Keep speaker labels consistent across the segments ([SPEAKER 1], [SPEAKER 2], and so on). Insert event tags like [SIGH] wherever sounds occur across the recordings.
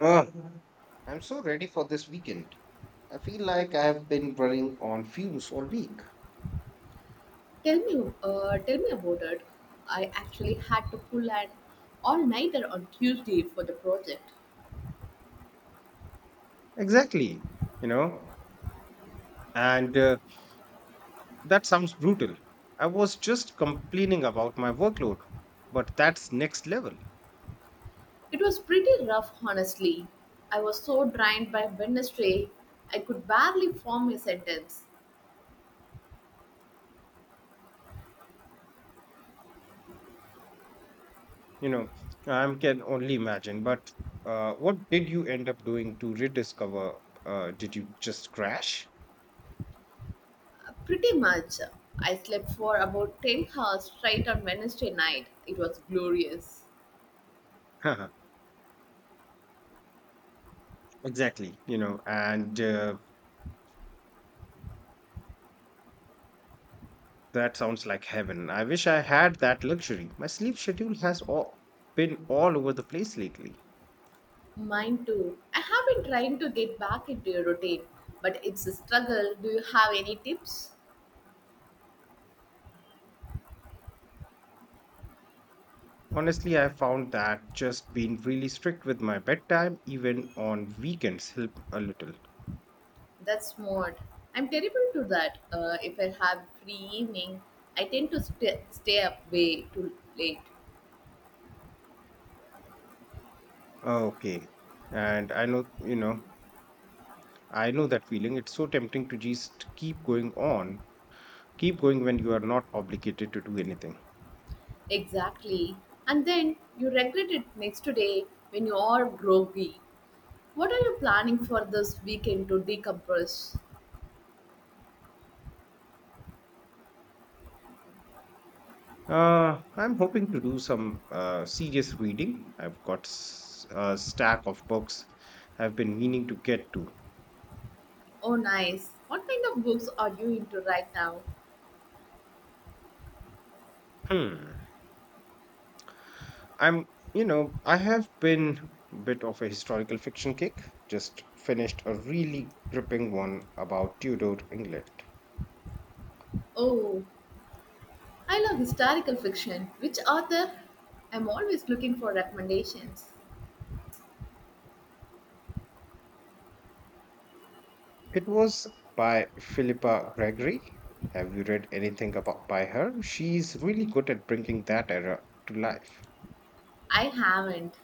[SPEAKER 1] Ugh, I'm so ready for this weekend. I feel like I have been running on fumes all week.
[SPEAKER 2] Tell me about it. I actually had to pull an all-nighter on Tuesday for the project.
[SPEAKER 1] Exactly, you know, and that sounds brutal. I was just complaining about my workload, but that's next level.
[SPEAKER 2] It was pretty rough, honestly. I was so drained by Wednesday, I could barely form a sentence.
[SPEAKER 1] You know, I can only imagine. But what did you end up doing to rediscover? Did you just crash?
[SPEAKER 2] Pretty much, I slept for about 10 hours straight on Wednesday night. It was glorious.
[SPEAKER 1] [LAUGHS] Haha, exactly, you know, and that sounds like heaven. I wish I had that luxury. My sleep schedule has all, been all over the place lately.
[SPEAKER 2] Mine too. I have been trying to get back into a routine, but it's a struggle. Do you have any tips?
[SPEAKER 1] Honestly, I found that just being really strict with my bedtime, even on weekends, help a little.
[SPEAKER 2] That's smart. I'm terrible to that. If I have free evening, I tend to stay up way too late.
[SPEAKER 1] Okay. And I know, you know, I know that feeling. It's so tempting to just keep going on keep going when you are not obligated to do anything.
[SPEAKER 2] Exactly. And then you regret it next day when you are groggy. What are you planning for this weekend to decompress?
[SPEAKER 1] I'm hoping to do some serious reading. I've got a stack of books I've been meaning to get to.
[SPEAKER 2] Oh, nice. What kind of books are you into right now?
[SPEAKER 1] Hmm. I'm, you know, I have been a bit of a historical fiction kick. Just finished a really gripping one about Tudor England.
[SPEAKER 2] Oh, I love historical fiction. Which author? I'm always looking for recommendations.
[SPEAKER 1] It was by Philippa Gregory. Have you read anything about by her? She's really good at bringing that era to life.
[SPEAKER 2] I haven't,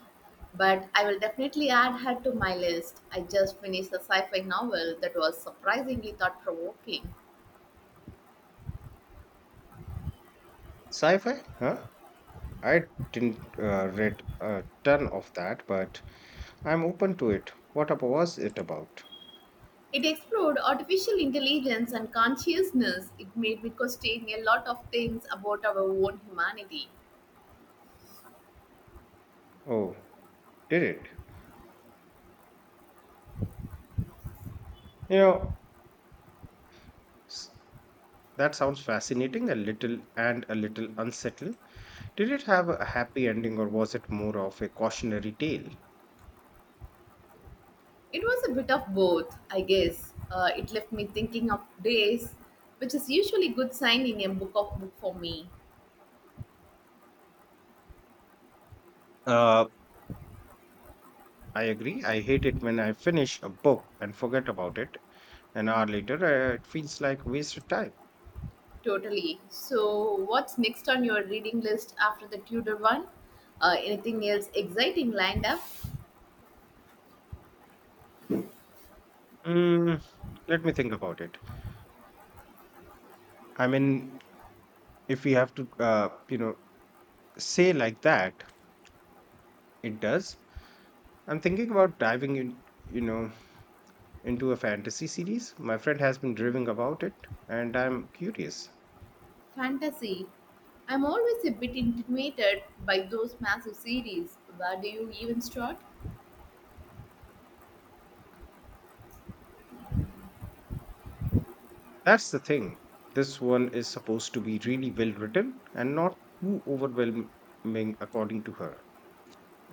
[SPEAKER 2] but I will definitely add her to my list. I just finished a sci fi novel that was surprisingly thought provoking.
[SPEAKER 1] Sci-fi, huh? I didn't read a ton of that, but I'm open to it. What about was it about?
[SPEAKER 2] It explored artificial intelligence and consciousness. It made me question a lot of things about our own humanity.
[SPEAKER 1] Oh, did it? You know, that sounds fascinating, a little unsettling. Did it have a happy ending or was it more of a cautionary tale?
[SPEAKER 2] It was a bit of both, I guess. It left me thinking of days, which is usually good sign in a book of book for me.
[SPEAKER 1] Uh, I agree. I hate it when I finish a book and forget about it. An hour later, it feels like wasted time.
[SPEAKER 2] Totally. So, what's next on your reading list after the Tudor one? Anything else exciting lined up?
[SPEAKER 1] Mm, let me think about it. I mean, if we have to, you know, say like that, it does. I'm thinking about diving in, you know, into a fantasy series. My friend has been raving about it, and I'm curious.
[SPEAKER 2] Fantasy. I'm always a bit intimidated by those massive series. Where do you even start?
[SPEAKER 1] That's the thing. This one is supposed to be really well written and not too overwhelming, according to her.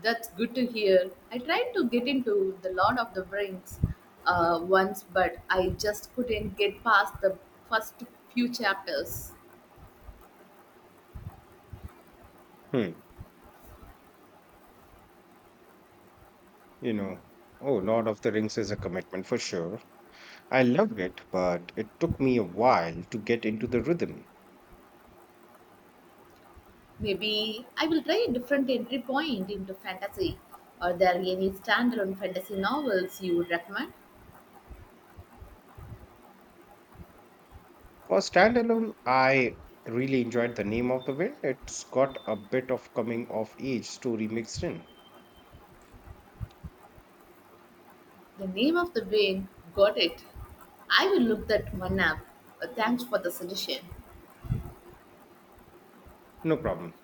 [SPEAKER 2] That's good to hear. I tried to get into The Lord of the Rings once, but I just couldn't get past the first few chapters.
[SPEAKER 1] Hmm. You know, oh, Lord of the Rings is a commitment for sure. I loved it, but it took me a while to get into the rhythm.
[SPEAKER 2] Maybe I will try a different entry point into fantasy. Are there any standalone fantasy novels you would recommend?
[SPEAKER 1] For standalone, I really enjoyed The Name of the Wind. It's got a bit of coming of age story mixed in.
[SPEAKER 2] The name of the game, got it. I will look that one up. Thanks for the suggestion.
[SPEAKER 1] No problem.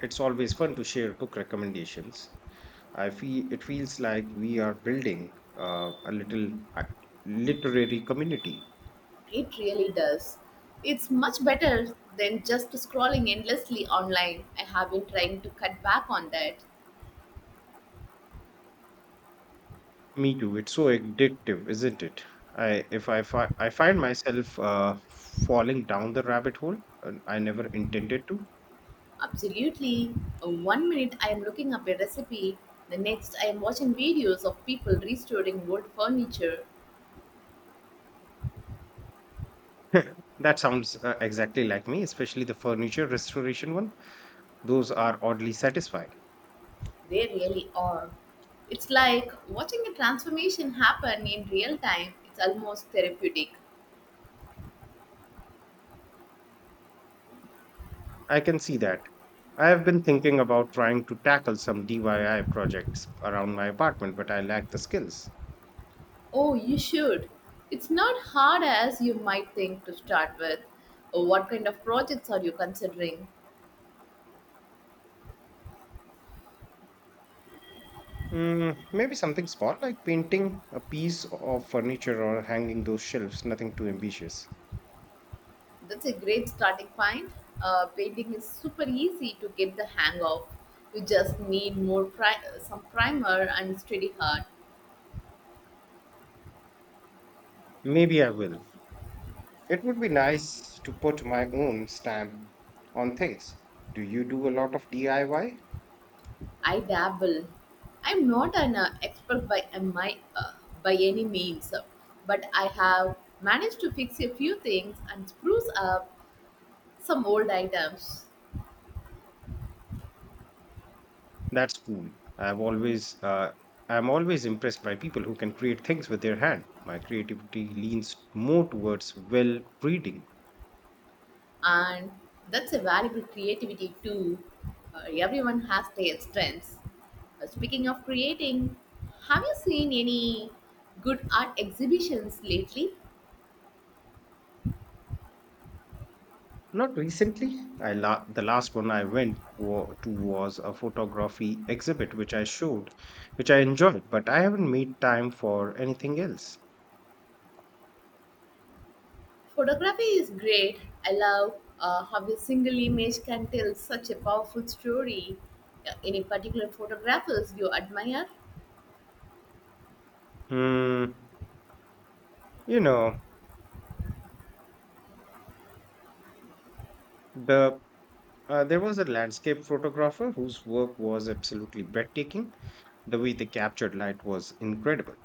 [SPEAKER 1] It's always fun to share book recommendations. I feel it feels like we are building a little literary community.
[SPEAKER 2] It really does. It's much better than just scrolling endlessly online. I have been trying to cut back on that.
[SPEAKER 1] Me too. It's so addictive, isn't it? I if I fi- I find myself falling down the rabbit hole, and I never intended to.
[SPEAKER 2] Absolutely. One minute I am looking up a recipe, the next I am watching videos of people restoring wood furniture.
[SPEAKER 1] [LAUGHS] That sounds exactly like me, especially the furniture restoration one. Those are oddly satisfying.
[SPEAKER 2] They really are. It's like watching a transformation happen in real time. It's almost therapeutic.
[SPEAKER 1] I can see that. I have been thinking about trying to tackle some DIY projects around my apartment, but I lack the skills.
[SPEAKER 2] Oh, you should. It's not hard as you might think to start with. What kind of projects are you considering?
[SPEAKER 1] Maybe something small like painting a piece of furniture or hanging those shelves, nothing too ambitious.
[SPEAKER 2] That's a great starting point. Painting is super easy to get the hang of. You just need some primer and steady heart.
[SPEAKER 1] Maybe I will. It would be nice to put my own stamp on things. Do you do a lot of DIY?
[SPEAKER 2] I dabble. I'm not an expert by any means, but I have managed to fix a few things and spruce up some old items,
[SPEAKER 1] That's cool. I've always uh, I'm always impressed by people who can create things with their hand. My creativity leans more towards well reading.
[SPEAKER 2] and that's a valuable creativity too. Everyone has their strengths. Speaking of creating, have you seen any good art exhibitions lately?
[SPEAKER 1] Not recently. The last one I to was a photography exhibit which I enjoyed, but I haven't made time for anything else.
[SPEAKER 2] Photography is great. I love how a single image can tell such a powerful story. Any particular photographers you admire?
[SPEAKER 1] Hmm. You know, the there was a landscape photographer whose work was absolutely breathtaking. The way they captured light was incredible.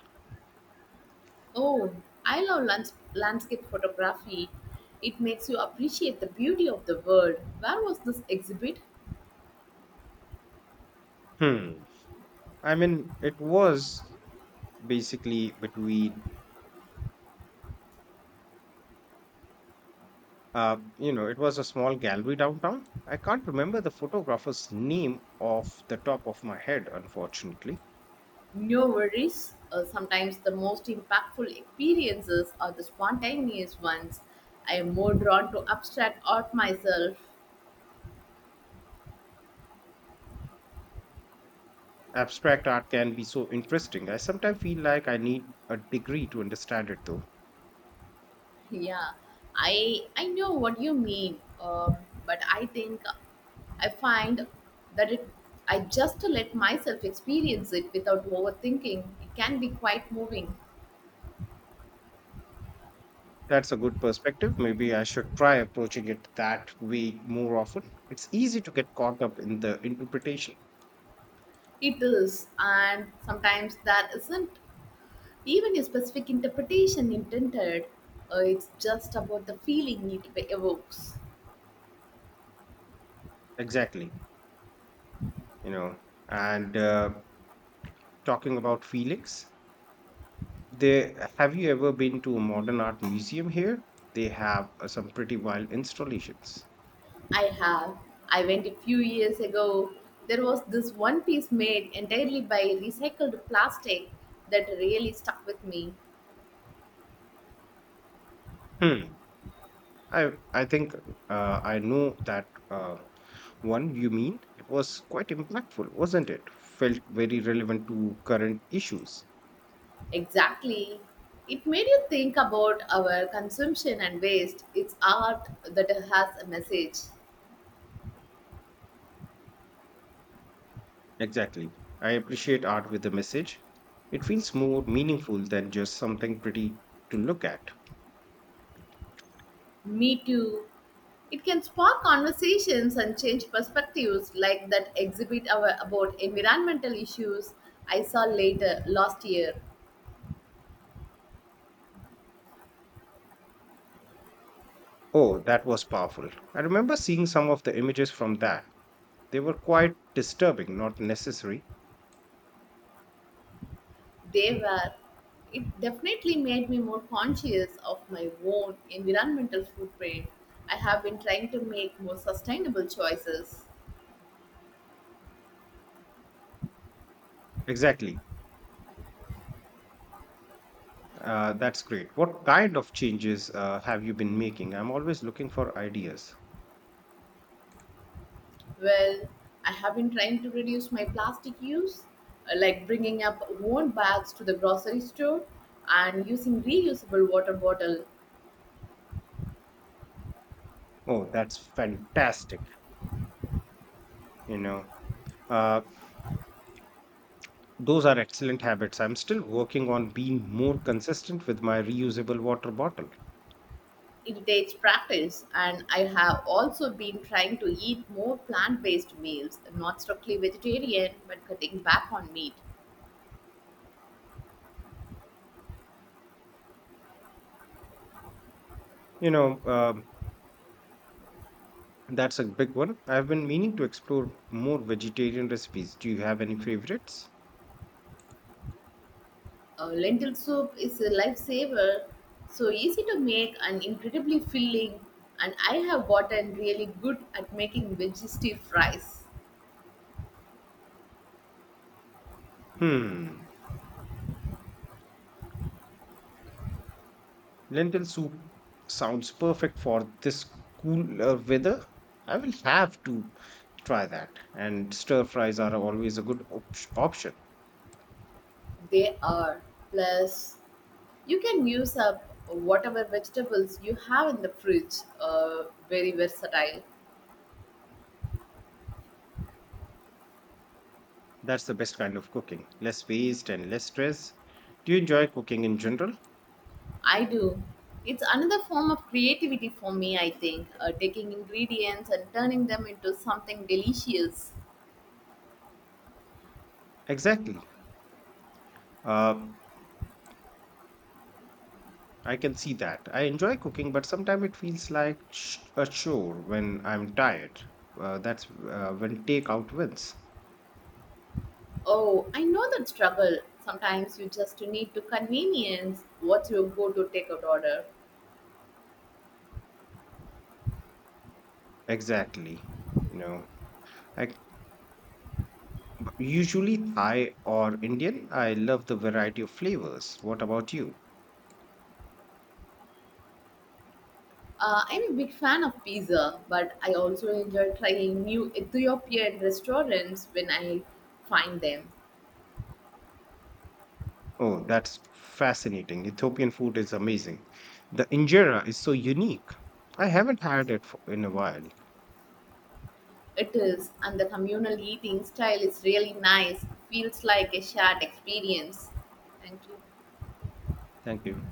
[SPEAKER 2] Oh, I love landscape photography. It makes you appreciate the beauty of the world. Where was this exhibit?
[SPEAKER 1] Hmm. I mean, it was basically between, you know, it was a small gallery downtown. I can't remember the photographer's name off the top of my head, unfortunately.
[SPEAKER 2] No worries. Sometimes the most impactful experiences are the spontaneous ones. I am more drawn to abstract art myself.
[SPEAKER 1] Abstract art can be so interesting. I sometimes feel like I need a degree to understand it, though.
[SPEAKER 2] Yeah, I know what you mean, but I think I find that it I just let myself experience it without overthinking. It can be quite moving.
[SPEAKER 1] That's a good perspective. Maybe I should try approaching it that way more often. It's easy to get caught up in the interpretation.
[SPEAKER 2] It is, and sometimes that isn't even a specific interpretation intended. It's just about the feeling it evokes.
[SPEAKER 1] Exactly. You know, and talking about Felix, they have you ever been to a modern art museum here? They have some pretty wild installations.
[SPEAKER 2] I have. I went a few years ago. There was this one piece made entirely by recycled plastic that really stuck with me.
[SPEAKER 1] Hmm. I I think I know that one you mean. It was quite impactful, wasn't it? Felt very relevant to current issues.
[SPEAKER 2] Exactly. It made you think about our consumption and waste. It's art that has a message.
[SPEAKER 1] Exactly. I appreciate art with a message. It feels more meaningful than just something pretty to look at.
[SPEAKER 2] Me too. It can spark conversations and change perspectives like that exhibit about environmental issues I saw later last year.
[SPEAKER 1] Oh, that was powerful. I remember seeing some of the images from that. They were quite disturbing, not necessary.
[SPEAKER 2] They were. It definitely made me more conscious of my own environmental footprint. I have been trying to make more sustainable choices.
[SPEAKER 1] Exactly. That's great. What kind of changes have you been making? I'm always looking for ideas.
[SPEAKER 2] Well, I have been trying to reduce my plastic use, like bringing up own bags to the grocery store and using reusable water bottle.
[SPEAKER 1] Oh, that's fantastic. You know, uh, those are excellent habits. I'm still working on being more consistent with my reusable water bottle.
[SPEAKER 2] It takes practice, and I have also been trying to eat more plant based meals, not strictly vegetarian, but cutting back on meat.
[SPEAKER 1] You know, that's a big one. I've been meaning to explore more vegetarian recipes. Do you have any favorites?
[SPEAKER 2] Lentil soup is a lifesaver, so easy to make and incredibly filling. And I have gotten really good at making veggie stir fries.
[SPEAKER 1] Hmm, lentil soup sounds perfect for this cooler weather. I will have to try that. And stir fries are always a good option.
[SPEAKER 2] They are. Plus, you can use up whatever vegetables you have in the fridge. Very versatile.
[SPEAKER 1] That's the best kind of cooking. Less waste and less stress. Do you enjoy cooking in general?
[SPEAKER 2] I do. It's another form of creativity for me, I think, taking ingredients and turning them into something delicious.
[SPEAKER 1] Exactly. Uh, I can see that. I enjoy cooking, but sometimes it feels like a chore when I'm tired. That's when takeout wins.
[SPEAKER 2] Oh, I know that struggle. Sometimes you just need to convenience What's your go to takeout order.
[SPEAKER 1] Exactly. You know, I c- usually Thai or Indian. I love the variety of flavors. What about you?
[SPEAKER 2] I'm a big fan of pizza, but I also enjoy trying new Ethiopian restaurants when I find them.
[SPEAKER 1] Oh, that's fascinating. Ethiopian food is amazing. The injera is so unique. I haven't had it for, in a while.
[SPEAKER 2] It is, and the communal eating style is really nice. Feels like a shared experience. Thank you.
[SPEAKER 1] Thank you.